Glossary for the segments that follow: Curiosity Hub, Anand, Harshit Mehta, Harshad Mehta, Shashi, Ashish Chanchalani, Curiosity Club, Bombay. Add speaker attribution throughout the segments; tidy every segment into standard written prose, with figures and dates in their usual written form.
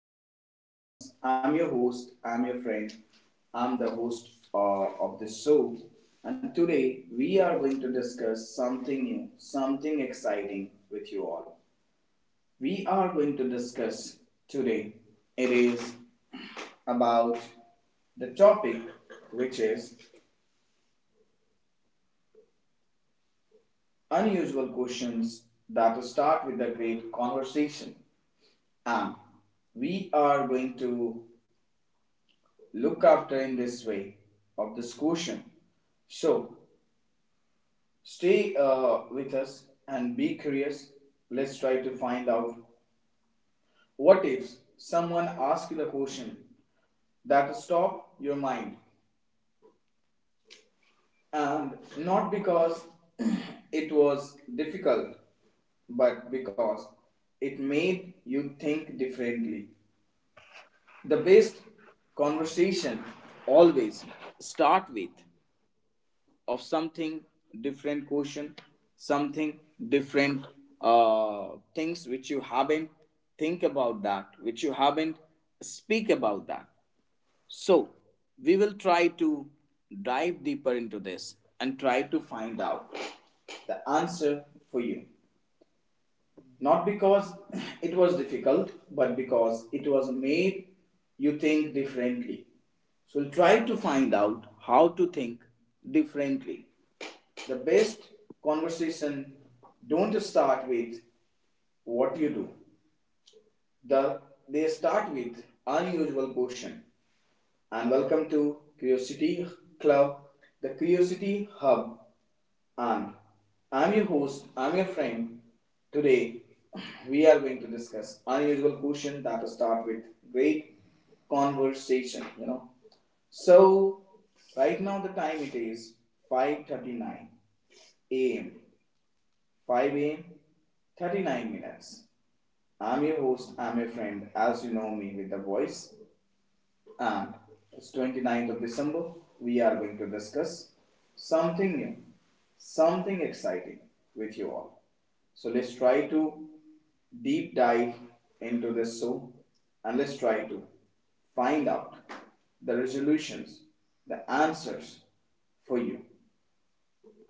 Speaker 1: hi my beloved ones. I'm your host, I'm your friend, I'm the host of this show, and today we are going to discuss something new, something exciting with you all. We are going to discuss today. It is about the topic, which is unusual questions that start with a great conversation, and we are going to look after in this way of this quotient. So stay with us and be curious. Let's try to find out what if someone asks you the question that stop your mind and not because it was difficult but because it made you think differently. The best conversation always start with of something different question something different uh, things which you haven't think about that which you haven't speak about that so we will try to dive deeper into this and try to find out the answer for you not because it was difficult but because it was made you think differently so we'll try to find out how to think differently the best conversation don't start with what you do. The they start with unusual question. And welcome to Curiosity Club, the Curiosity Hub. And I'm your host, I'm your friend. Today we are going to discuss unusual question that start with great conversation, you know. So right now the time it is 5:39 a.m. 5 a.m., 39 minutes. I'm your host, I'm your friend, as you know me with the voice. And it's 29th of December. We are going to discuss something new, something exciting with you all. So let's try to deep dive into this show and let's try to find out the resolutions, the answers for you.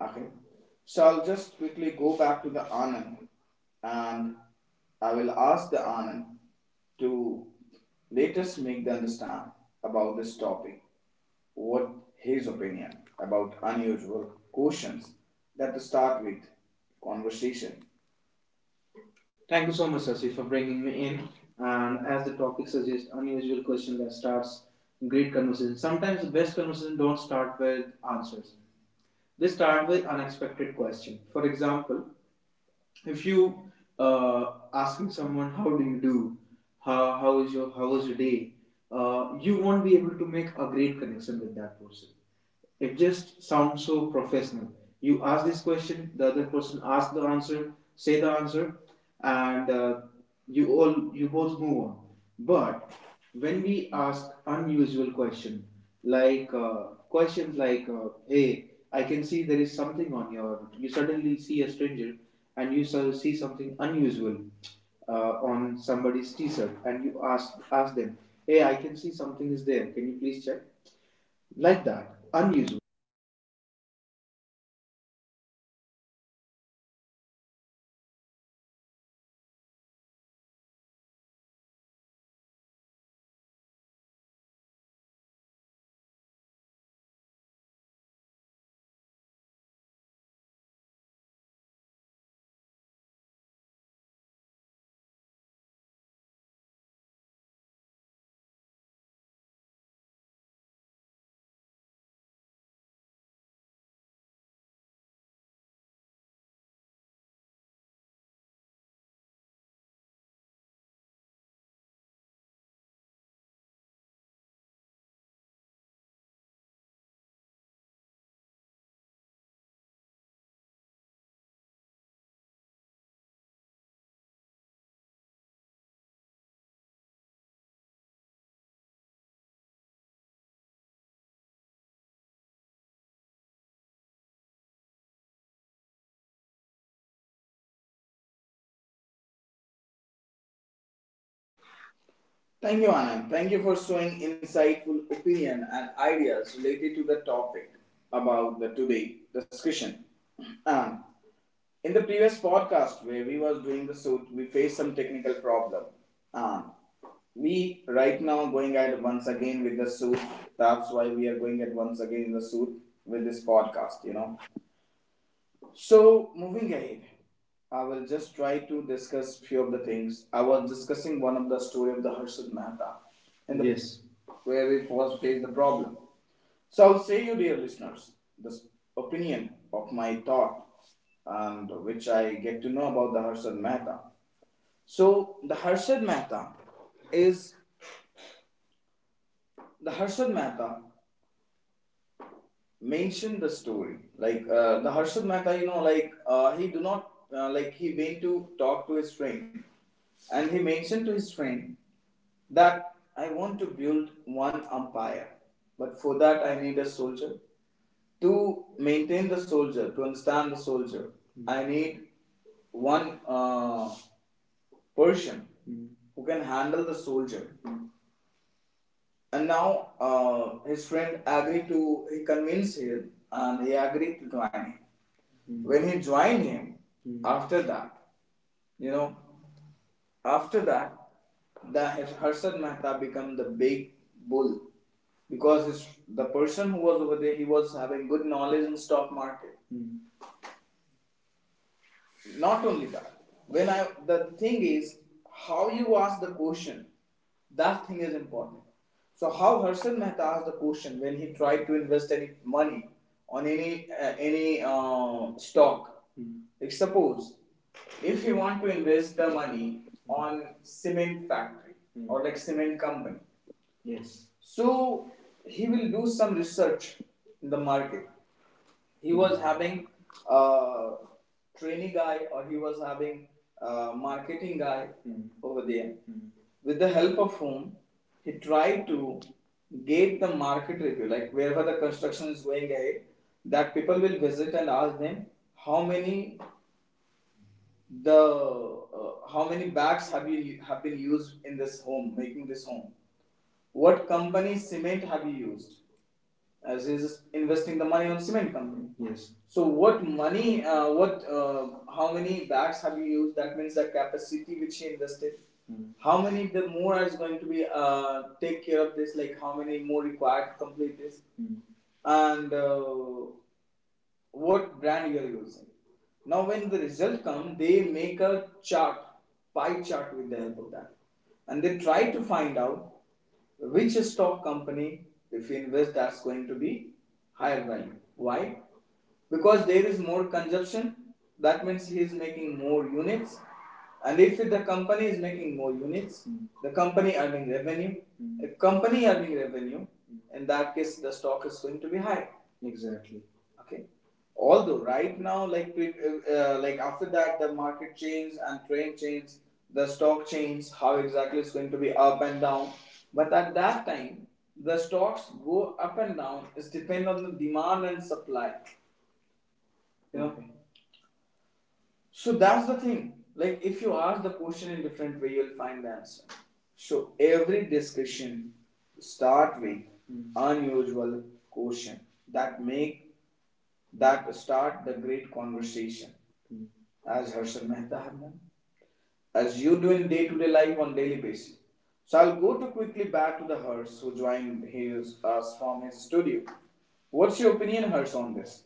Speaker 1: Okay. So I'll just quickly go back to the Anand and I will ask the Anand to let us make the understand about this topic what his opinion about unusual questions that start with conversation. Thank you so much, Sasi, for bringing me in. And as the topic suggests, unusual question that starts great conversation. Sometimes the best conversation don't start with answers. They start with unexpected question. For example, if you asking someone how do you do, how was your day, you won't be able to make a great connection with that person. It just sounds so professional. You ask this question, the other person asks the answer, say the answer, and you both move on but when we ask unusual question like questions like, hey I can see there is something on your you suddenly see a stranger and you sort of see something unusual on somebody's t-shirt and you ask them, hey I can see something is there can you please check like that unusual. Thank you, Anand. Thank you for showing insightful opinion and ideas related to the topic about the today discussion. And in the previous podcast where we was doing the suit, we faced some technical problem. And we right now going at once again with the suit. That's why we are going at once again in the suit with this podcast, you know. So moving ahead, I will just try to discuss few of the things. I was discussing one of the story of the Harshad Mehta, in the, yes, where we first faced the problem. So I would say you, dear listeners, this opinion of my thought and which I get to know about the Harshad Mehta. So the Harshad Mehta is the Harshad Mehta mention the story like the Harshad Mehta you know like he do not like he went to talk to his friend and he mentioned to his friend that I want to build one empire but for that I need a soldier to maintain the soldier to understand the soldier. Mm-hmm. I need one person. Mm-hmm. Who can handle the soldier and now his friend agreed to, he convinced him and he agreed to join him. Mm. When he joined him, mm, after that, you know, after that, the Harshad Mehta became the big bull because his, the person who was over there, he was having good knowledge in stock market. Hmm. Not only that when I the thing is how you ask the question that thing is important so how Harshal Mehta asked the question when he tried to invest any money on any any stock. Hmm. Like suppose if you want to invest the money on cement factory, hmm, or like cement company. Yes. So he will do some research in the market he was having a trainee guy or he was having a marketing guy, mm, over there, mm, with the help of whom he tried to get the market review like wherever the construction is going ahead that people will visit and ask them how many the how many bags have you have been used in this home making this home what company cement have you used as he's investing the money on cement company. Yes. So what money? What? How many bags have you used? That means the capacity which he invested. Mm. How many the more is going to be take care of this? Like how many more required to complete this? Mm. And what brand you are using. Now, when the result come, they make a chart, pie chart with the help of that, and they try to find out which stock company, if you invest, that's going to be higher value. Why? Because there is more consumption. That means he is making more units, and if the company is making more units, mm, the company earning revenue. Mm. If company earning revenue, mm, in that case, the stock is going to be high. Exactly. Okay. Although right now, like like after that, the market changes and trend changes, the stock changes, how exactly it's going to be up and down. But at that time, the stocks go up and down. It's depend on the demand and supply. You know. Okay. So that's the thing. Like if you ask the question in different way, you'll find the answer. So every discussion start with unusual question that make that start the great conversation, mm, as Harshal Mehta have done, as you do in day-to-day life on daily basis. So I'll go to quickly back to the Harsh who joined his, us from his studio. What's your opinion, Harsh, on this?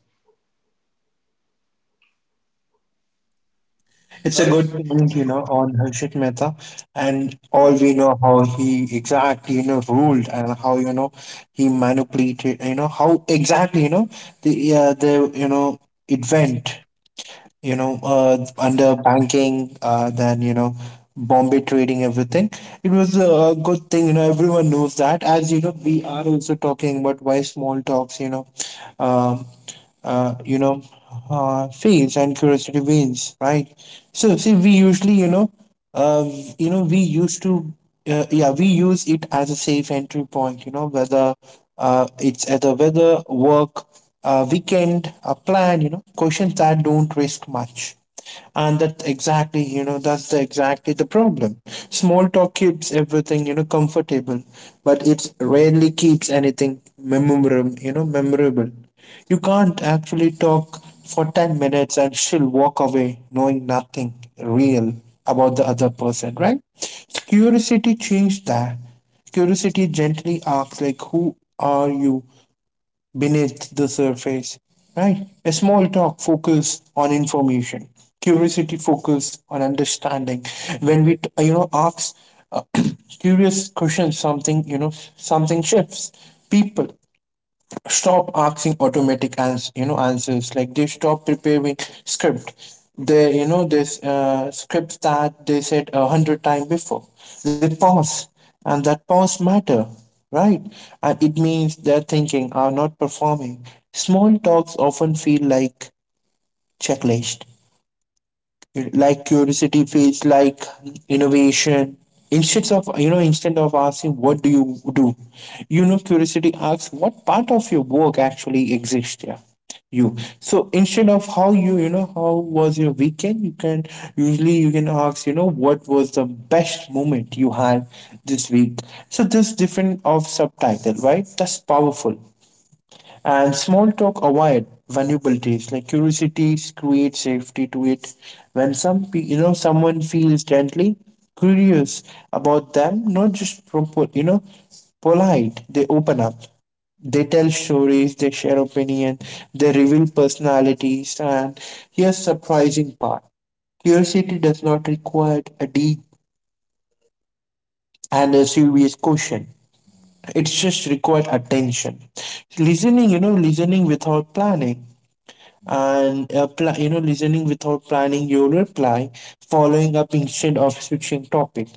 Speaker 2: It's a good
Speaker 1: Harsh,
Speaker 2: point, on Harshit Mehta, and all
Speaker 1: yeah.
Speaker 2: we know how he exactly, ruled, and how he manipulated, how exactly, you know, the you know it went, under banking, then Bombay trading everything. It was a good thing. Everyone knows that. As you know, we are also talking about why small talksum, uh, you know, fails and curiosity wins, right? So see, we usually, uh, you know, we used to, yeah, we use it as a safe entry point. Whether it's either whether work, weekend, a plan. You know, questions that don't risk much, and that exactly, you know, that's the exactly the problem. Small talk keeps everything comfortable, but it rarely keeps anything memorable, memorable. You can't actually talk for 10 minutes, and she'll walk away knowing nothing real about the other person, right? Curiosity changed that. Curiosity gently asks, like, who are you beneath the surface, right? A small talk focus on information, curiosity focus on understanding. When we ask uh, curious questions, something shifts. People stop asking automatic answers, like they stop preparing script. They, this, scripts that they said 100 times before. They pause, and that pause matter, right. And it means their thinking are not performing. Small talks often feel like checklist, like curiosity feels like innovation. Instead of asking what do you do, curiosity asks what part of your work actually exists here. You so instead of how how was your weekend, you can usually you can ask what was the best moment you had this week. So this different of subtitle, right, that's powerful. And small talk avoid vulnerabilities, like curiosities create safety to it. When someone feels gently curious about them, not just polite, they open up. They tell stories, they share opinion, they reveal personalities, and here's surprising part. Curiosity does not require a deep and a serious question. It's just required attention. Listening without planning, and listening without planning your reply, following up instead of switching topic,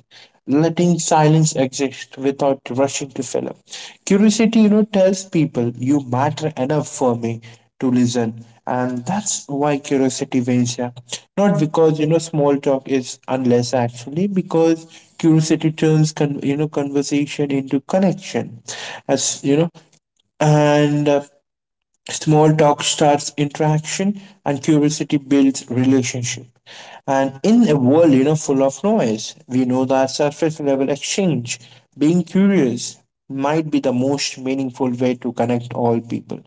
Speaker 2: letting silence exist without rushing to fill up. Curiosity tells people you matter enough for me to listen, and that's why curiosity wins, yeah. Not because small talk is unless, actually because curiosity turns conversation into connection. As you know, and small talk starts interaction, and curiosity builds relationship. And in a world, full of noise, we know that surface level exchange, being curious, might be the most meaningful way to connect all people.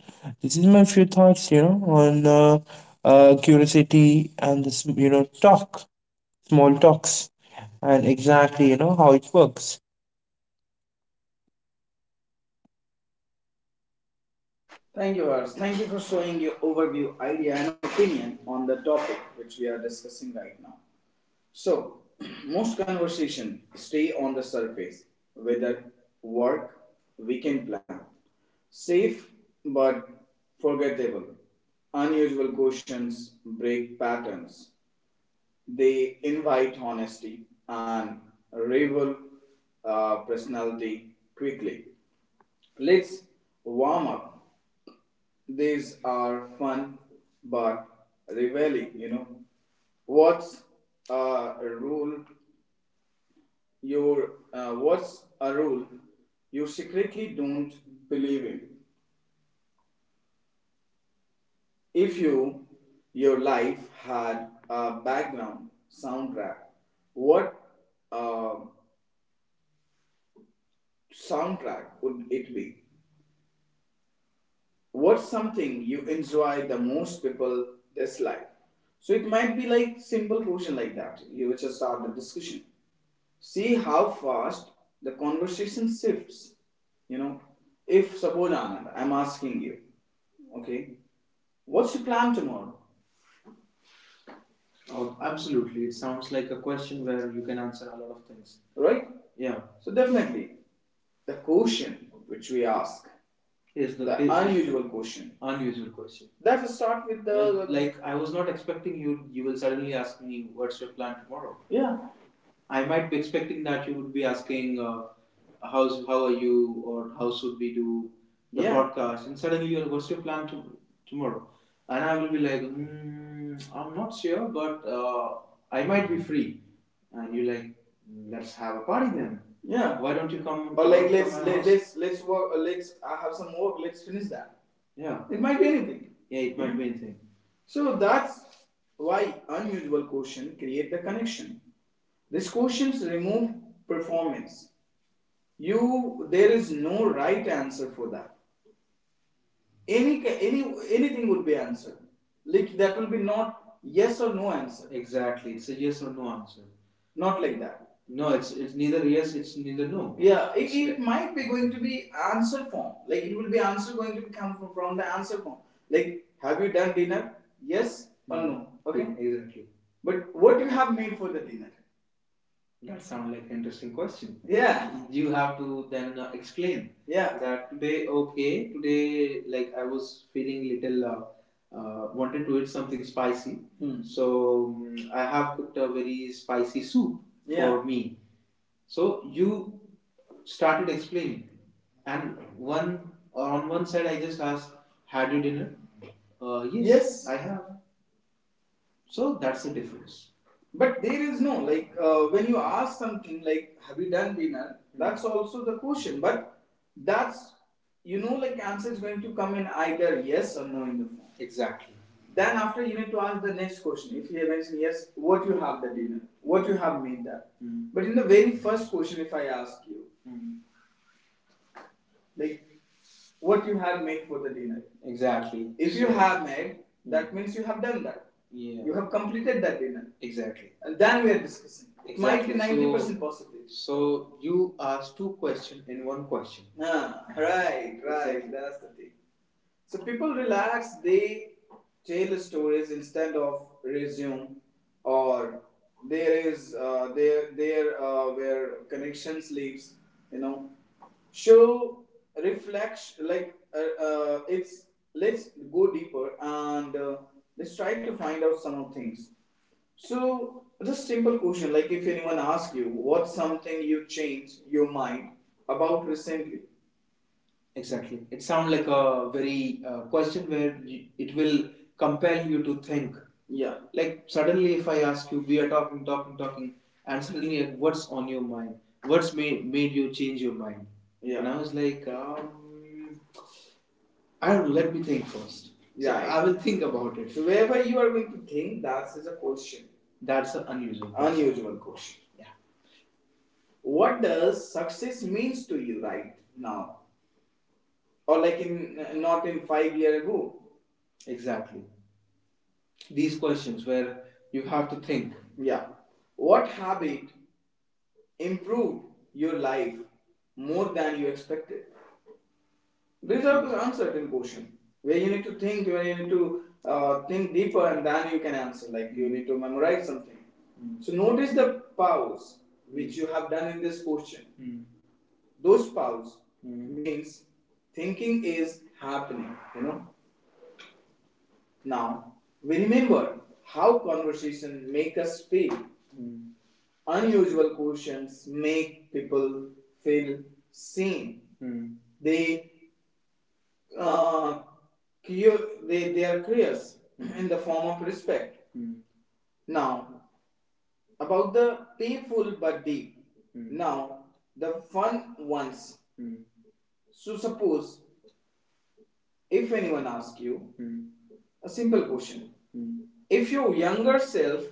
Speaker 2: This is my few thoughts, on curiosity and this, talk, small talks, and exactly, how it works.
Speaker 1: Thank you, Harsh. Thank you for showing your overview, idea, and opinion on the topic which we are discussing right now. So, most conversation stay on the surface, whether work, weekend plan, safe but forgettable, unusual questions, break patterns. They invite honesty and rival personality quickly. Let's warm up. These are fun but revealing, you know. What's a rule what's a rule you secretly don't believe in, if you your life had a background soundtrack what uh, soundtrack would it be, what's something you enjoy the most people dislike, so it might be like simple question like that you just start the discussion, see how fast the conversation shifts. You know, if suppose Anand, I'm asking you, okay, what's your plan tomorrow? Oh, absolutely. It sounds like a question where you can answer a lot of things. Right? Yeah. So definitely, the question which we ask, Is the is- unusual question, unusual question, that will start with the like I was not expecting you. You will suddenly ask me, "What's your plan tomorrow?" Yeah. I might be expecting that you would be asking, "How's how are you?" or "How should we do the, yeah, podcast?" And suddenly, you're, "What's your plan to, tomorrow?" And I will be like, mm, "I'm not sure, but I might be free." And you're like, "Let's have a party then. Yeah. Why don't you come?" Or like let's let, ask?" Let's work. Let's have some work. Let's finish that. Yeah, it might be anything. Yeah. It might be anything. So that's why unusual quotient create the connection. These quotients remove performance. You there is no right answer for that, any any anything would be answered, like that will be not yes or no answer. Exactly. It's a yes or no answer. Not like that. No, it's neither yes, it's neither no. Yeah, it's it like, might be going to be answer form like it will be answer going to come from the answer form like have you done dinner, yes or no, okay. Exactly. But what you have made for the dinner that sounds like an interesting question. Yeah. You have to then explain, yeah, that today, okay, today, like I was feeling little, wanted to eat something spicy. Hmm. So mm, I have cooked a very spicy soup. Yeah. For me. So you started explaining, and one on one side I just asked, "Had you dinner?" Yes, I have. So that's the difference. But there is no like when you ask something like have you done dinner? That's also the question. But that's you know like answer is going to come in either yes or no in the form. Exactly. Then after you need to ask the next question. If you mention yes, what you have the dinner? What you have made that? Mm. But in the very first question, if I ask you, like what you have made for the dinner. Exactly. If you So- have made, that means you have done that. Yeah. You have completed that dinner, exactly, and then we are discussing. Exactly. It might be Exactly. So- 90% so, possibility. So you asked two questions in one question. Ah, right, right. Exactly. That's the thing. So people relax, they tell stories instead of resume, or there is there there where connection sleeps. You know, show reflection like it's let's go deeper and let's try to find out some of things. So just simple question like if anyone asks you what's something you changed your mind about recently. Exactly. It sounds like a very question where it will compel you to think. Yeah. Like suddenly, if I ask you, we are talking, and suddenly, like, what's on your mind? What's made you change your mind? Yeah. And I was like, I don't know. Let me think first. Yeah. So I will think about it. So wherever you are going to think, that is a question. That's an unusual question. Unusual question. Yeah. What does success means to you right now? Or like in not in 5 year ago. Exactly. These questions where you have to think. Yeah. What habit improved your life more than you expected? These are the uncertain question where you need to think, where you need to think deeper, and then you can answer like you need to memorize something. Mm. So notice the pause which you have done in this question. Mm. Those pause, mm, means thinking is happening, you know. Now, we remember how conversation make us feel. Mm. Unusual questions make people feel seen. Mm. They, uh, they are curious, mm, in the form of respect. Mm. Now, about the painful but deep. Mm. Now, the fun ones. Mm. So suppose if anyone asks you, hmm, a simple question, hmm, if your younger self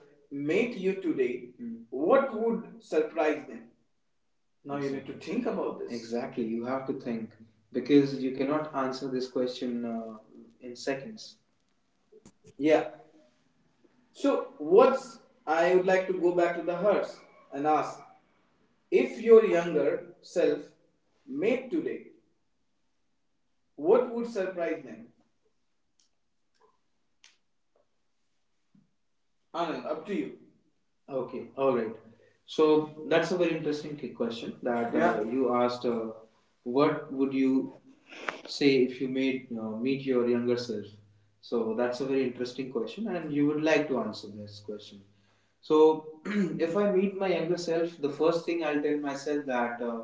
Speaker 1: met you today, hmm, what would surprise them? Now exactly, you need to think about this. Exactly. You have to think because you cannot answer this question in seconds. Yeah. So what's I would like to go back to the hearse and ask if your younger self met today, what would surprise them? Anand, up to you. Okay, all right. So that's a very interesting question that Yeah. you asked. What would you say if you made meet your younger self? So that's a very interesting question, and you would like to answer this question. So if I meet my younger self, the first thing I'll tell myself that uh,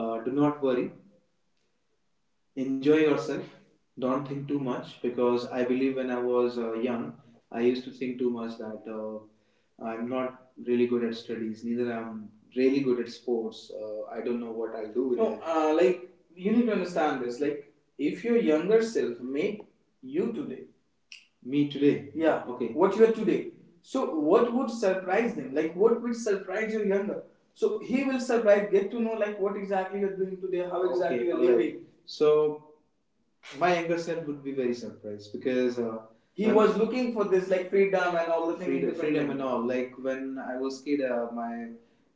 Speaker 1: uh, do not worry, enjoy yourself, don't think too much, because I believe when I was young, I used to think too much that I'm not really good at studies, neither I'm really good at sports. I don't know what I'll do with No. it. Like, you need to understand this. Like, if your younger self made you today, me today, yeah, okay, what you are today. So, what would surprise them? Like, what would surprise your younger? So he will surprise, get to know like what exactly you're doing today, how exactly, okay, you're all right, living. So my younger self would be very surprised, because he was looking for this like freedom and all the things. Freedom, freedom and all. Like when I was kid, my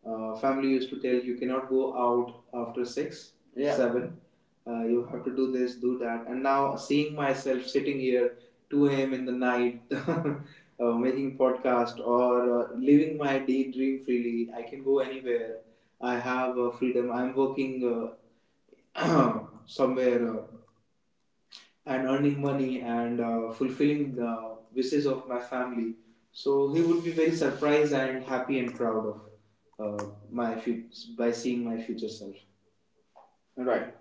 Speaker 1: family used to tell you cannot go out after 6, yeah, 7. You have to do this, do that. And now seeing myself sitting here, 2 a.m. in the night, making podcast or living my day dream freely. I can go anywhere. I have freedom. I'm working somewhere. And earning money and fulfilling the wishes of my family. So he would be very surprised and happy and proud of uh, my fu- by seeing my future self. Right.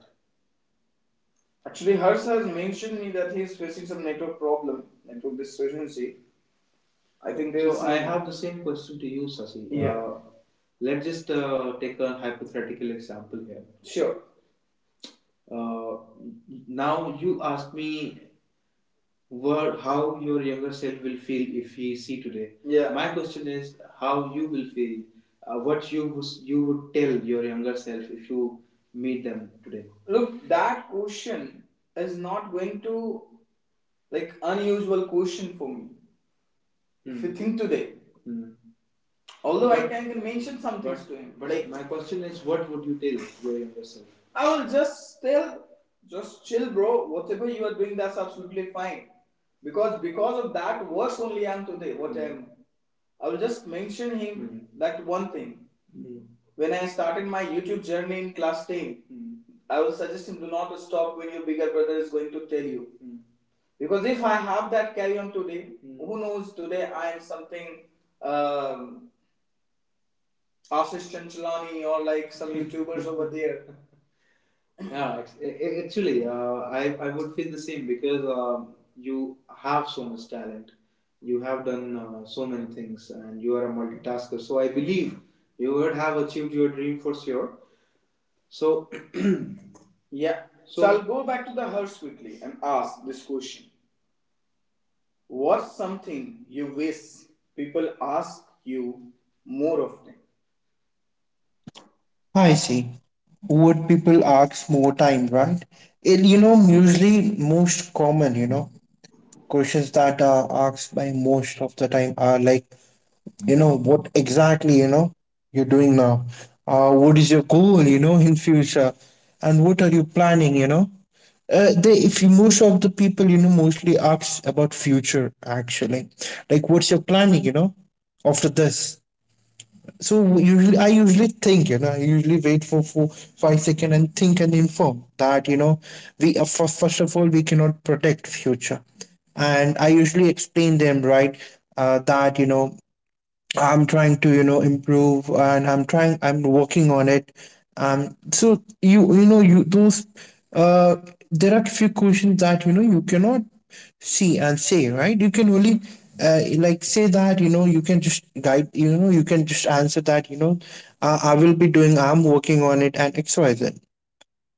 Speaker 1: Actually, Harsh has mentioned me that he is facing some network problem, network discrepancy. I think there is. So I have the same question to you, Sasi. Yeah. Let's just take a hypothetical example here. Sure. Uh, Now you asked me what how your younger self will feel if he see today. Yeah. My question is how you will feel, what you would tell your younger self if you meet them today. Look, that question is not going to like unusual question for me. Mm. If you think today, hmm, although I But- can, I can mention some things to him. But like my question is, what would you tell your younger self? I will just tell, just chill, bro. Whatever you are doing, that's absolutely fine. Because of that works only I am today. What, mm-hmm, I am, I will just mention him, mm-hmm, that one thing. Mm-hmm. When I started my YouTube journey in class 10, mm-hmm, I will suggest him do not stop when your bigger brother is going to tell you. Mm-hmm. Because if I have that carry on today, mm-hmm, who knows? Today I am something, um, Ashish Chanchalani or like some YouTubers over there. Yeah, actually I would feel the same because, you have so much talent. You have done so many things, and you are a multitasker, so I believe you would have achieved your dream for sure. So yeah. So I'll go back to the hearse quickly and ask this question. What's something you wish people ask you more often?
Speaker 2: I see. Would people ask more time, right? Usually most common, questions that are asked by most of the time are like, what exactly, you're doing now? What is your goal, in future? And what are you planning? They, if you, Most of the people, mostly ask about future actually. Like, what's your planning, after this? So usually, I usually think, you know, I usually wait for 5 seconds and think and inform that first of all, we cannot protect future, and I usually explain them, right, that I'm trying to, improve, and I'm working on it. Um, so you, you know, you, those, uh, there are few questions that, you cannot see and say, right? You can only, like say that, you can just guide, you can just answer that, I will be doing, I'm working on it, and XYZ.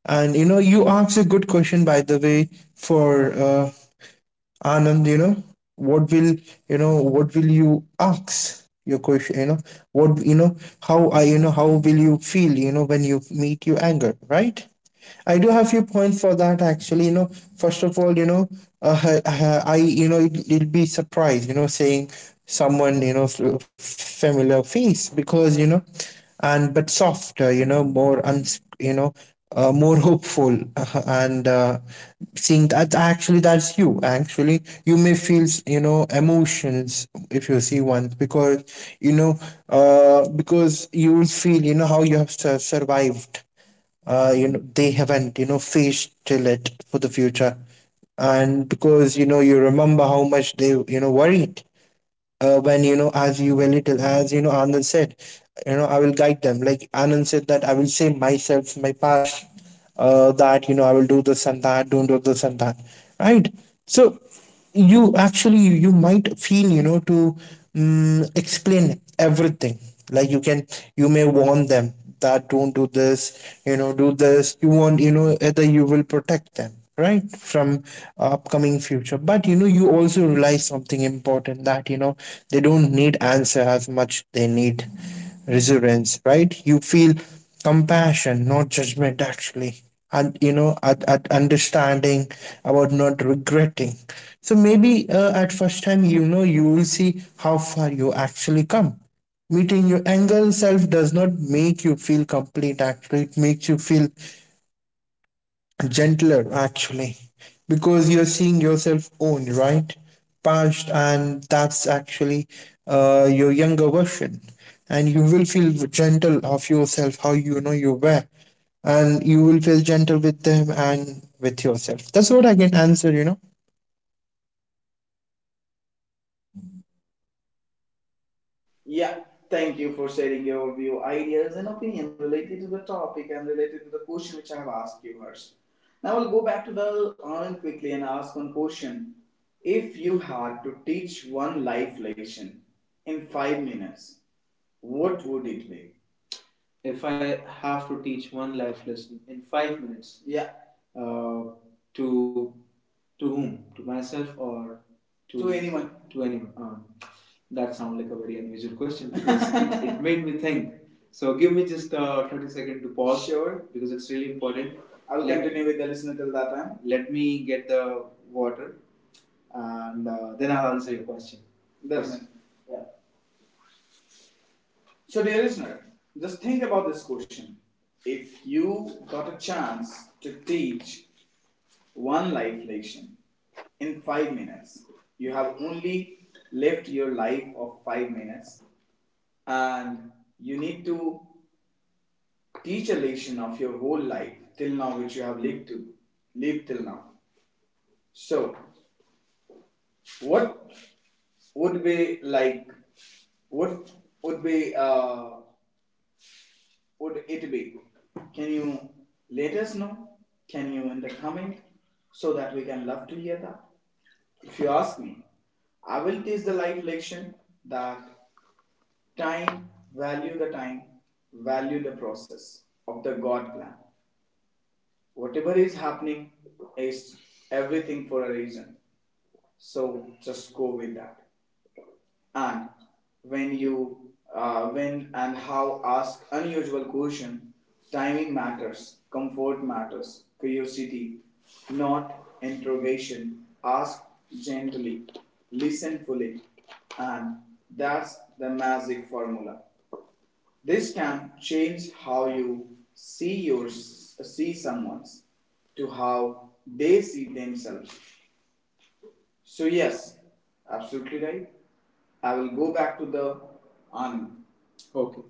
Speaker 2: And, you asked a good question, by the way, for, Anand, what will what will you ask your question? You know, what you know? How I you know? How will you feel when you meet your anger, right? I do have few points for that actually. First of all, I it, it'll be surprised, saying someone familiar face because and but softer, more uns, more hopeful, and seeing that actually that's you actually, you may feel, emotions if you see one, because you know because you will feel, how you have survived, they haven't, faced till it for the future, and because you remember how much they, worried, when as you were little, as Anand said, I will guide them like Anand said, that I will say myself my past, that I will do this and that, don't do this and that, right. So you actually, you might feel, to mm explain everything, like you can, you may warn them that don't do this, do this you want, either you will protect them, right, from upcoming future. But you also realize something important, that they don't need answer as much, they need resilience, right. You feel compassion, not judgment actually. And at understanding about not regretting. So maybe at first time, you will see how far you actually come. Meeting your anger self does not make you feel complete, actually, it makes you feel gentler, actually, because you're seeing yourself own, right? Past, and that's actually your younger version. And you will feel gentle of yourself, how you were, and you will feel gentle with them and with yourself. That's what I can answer, you know.
Speaker 1: Yeah, thank you for sharing your view, ideas, and opinion related to the topic and related to the question which I have asked you, Harsh. Now I'll go back to the Anand quickly and ask one question. If you had to teach one life lesson in 5 minutes, what would it be? If I have to teach one life lesson in 5 minutes, yeah, uh, to to whom? To myself or to... To anyone. To anyone. That sounds like a very unusual question, because it made me think. So give me just 30 seconds to pause. Sure. Because it's really important. I will Let- continue with the listener till that time. Let me get the water, and then I'll answer your question. That's Yes. Yeah. So, dear listener, just think about this question. If you got a chance to teach one life lesson in 5 minutes, you have only lived your life of 5 minutes, and you need to teach a lesson of your whole life till now, which you have lived till now. So, what would be like, what would be would it be? Can you let us know? Can you in the comment so that we can love to hear that? If you ask me, I will teach the life lesson that time, time, value the process of the God plan. Whatever is happening is everything for a reason. So just go with that. And when you when and how ask unusual question, timing matters, comfort matters, curiosity not interrogation. Ask gently, listen fully, and that's the magic formula. This can change how you see your see someone to how they see themselves. So yes, absolutely right. I will go back to the Anand. Okay.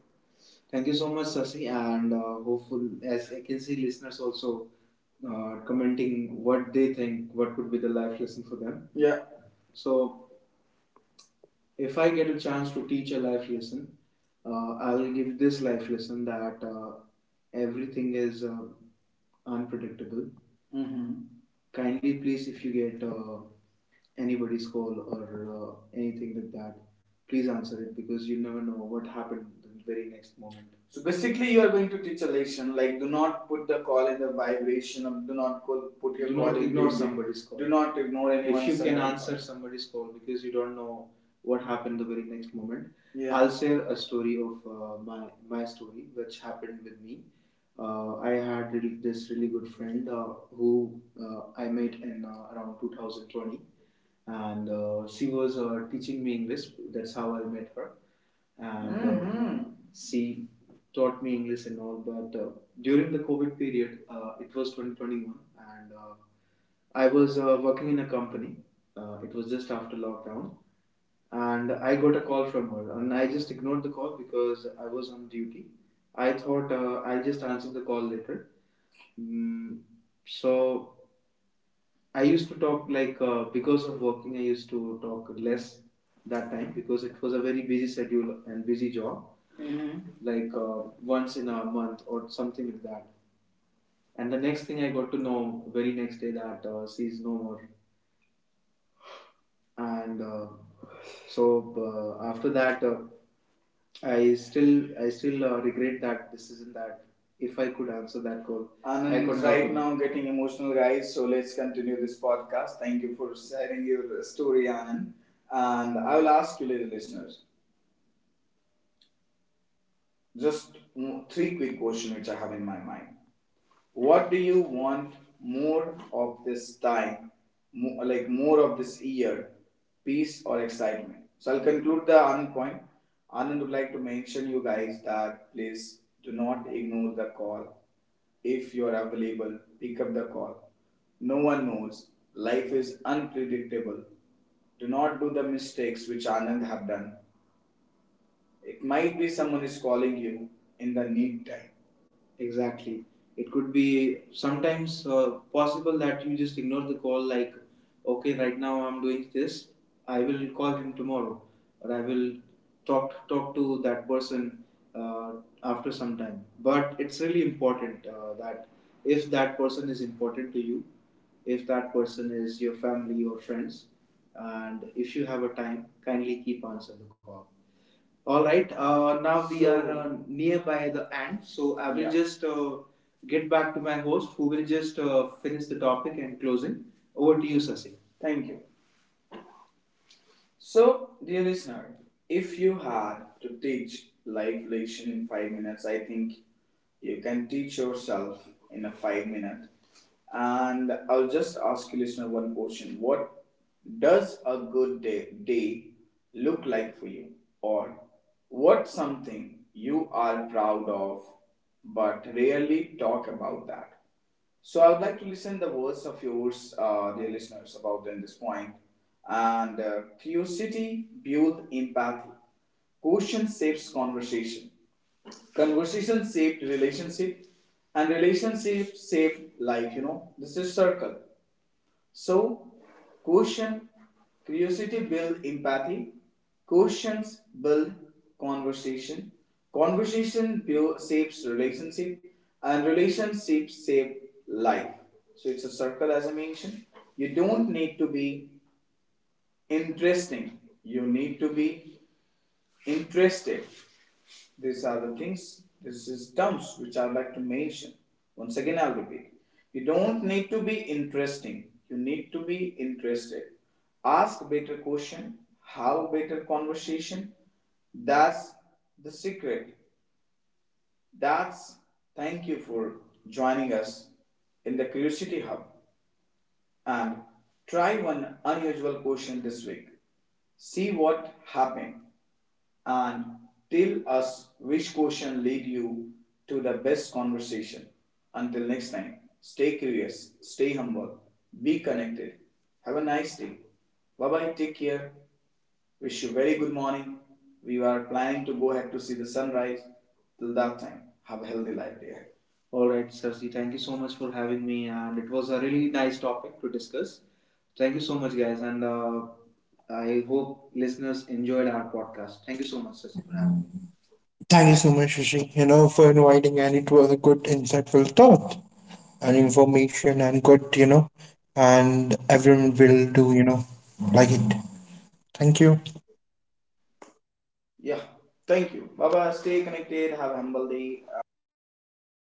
Speaker 1: Thank you so much, Sasi, and hopeful as I can see, listeners also commenting what they think, what could be the life lesson for them. Yeah. So if I get a chance to teach a life lesson, I'll give this life lesson that everything is unpredictable. Mm-hmm. Kindly, please, if you get anybody's call or anything like that, please answer it, because you never know what happened the very next moment. So basically, you are going to teach a lesson like do not put the call in the vibration of do not call, put your Do call not ignore vibration somebody's call. Do not ignore anyone. If you can answer call somebody's call, because you don't know what happened the very next moment. Yeah. I'll share a story of my story, which happened with me. I had this really good friend who I met in around 2020, and she was teaching me English. That's how I met her, and she taught me English and all. But during the COVID period, it was 2021, and I was working in a company. It was just after lockdown, and I got a call from her, and I just ignored the call because I was on duty. I thought I'll just answer the call later. Mm, so I used to talk like because of working, I used to talk less that time because it was a very busy schedule and busy job, mm-hmm, like once in a month or something like that. And the next thing I got to know very next day that she's no more, and so after that. I still regret that decision that if I could answer that goal, Anand I could is right now getting emotional, guys. So let's continue this podcast. Thank you for sharing your story, Anand. And I will ask you, little listeners, just three quick questions which I have in my mind. What do you want more of this time, like more of this year, peace or excitement? So I'll conclude the Anand point. Anand would like to mention you guys that please do not ignore the call. If you are available, pick up the call. No one knows. Life is unpredictable. Do not do the mistakes which Anand have done. It might be someone is calling you in the need time. Exactly. It could be sometimes possible that you just ignore the call, like, okay, right now I'm doing this. I will call him tomorrow, or I will talk to that person uh, after some time. But it's really important that if that person is important to you, if that person is your family or friends, and if you have a time, kindly keep answer the call. All right. Now we are nearby the end, so I will, yeah, just get back to my host, who will just finish the topic and closing. Over to you, Sasi. Thank you. So, dear listener, if you had to teach life lesson in 5 minutes, I think you can teach yourself in a 5 minute. And I'll just ask you, listener, one question: what does a good day look like for you, or what something you are proud of but rarely talk about that? So I would like to listen the words of yours, dear listeners, about then this point. And curiosity builds empathy. Question shapes conversation. Conversation shaped relationship, and relationship shaped life. You know, this is circle. So, question curiosity build empathy, questions build conversation, conversation shapes relationship, and relationships shape life. So it's a circle, as I mentioned. You don't need to be interesting. You need to be interested. These are the things, this is terms which I would like to mention. Once again, I'll repeat. You don't need to be interesting. You need to be interested. Ask better question. Have better conversation. That's the secret. That's thank you for joining us in the Curiosity Hub and try one unusual question this week. See what happens and tell us which question lead you to the best conversation. Until next time, stay curious, stay humble, be connected. Have a nice day. Bye bye, take care. Wish you very good morning. We are planning to go ahead to see the sunrise. Till that time, have a healthy life, dear. All right, Sarsi, thank you so much for having me, and it was a really nice topic to discuss. Thank you so much, guys, and I hope listeners enjoyed our podcast. Thank you so much, Sarsi, for having me.
Speaker 2: Thank you so much, Shashi, for inviting, and it was a good, insightful thought and information, and good, and everyone will do, like it. Thank you.
Speaker 1: Yeah. Thank you. Bye bye. Stay connected. Have a humble day.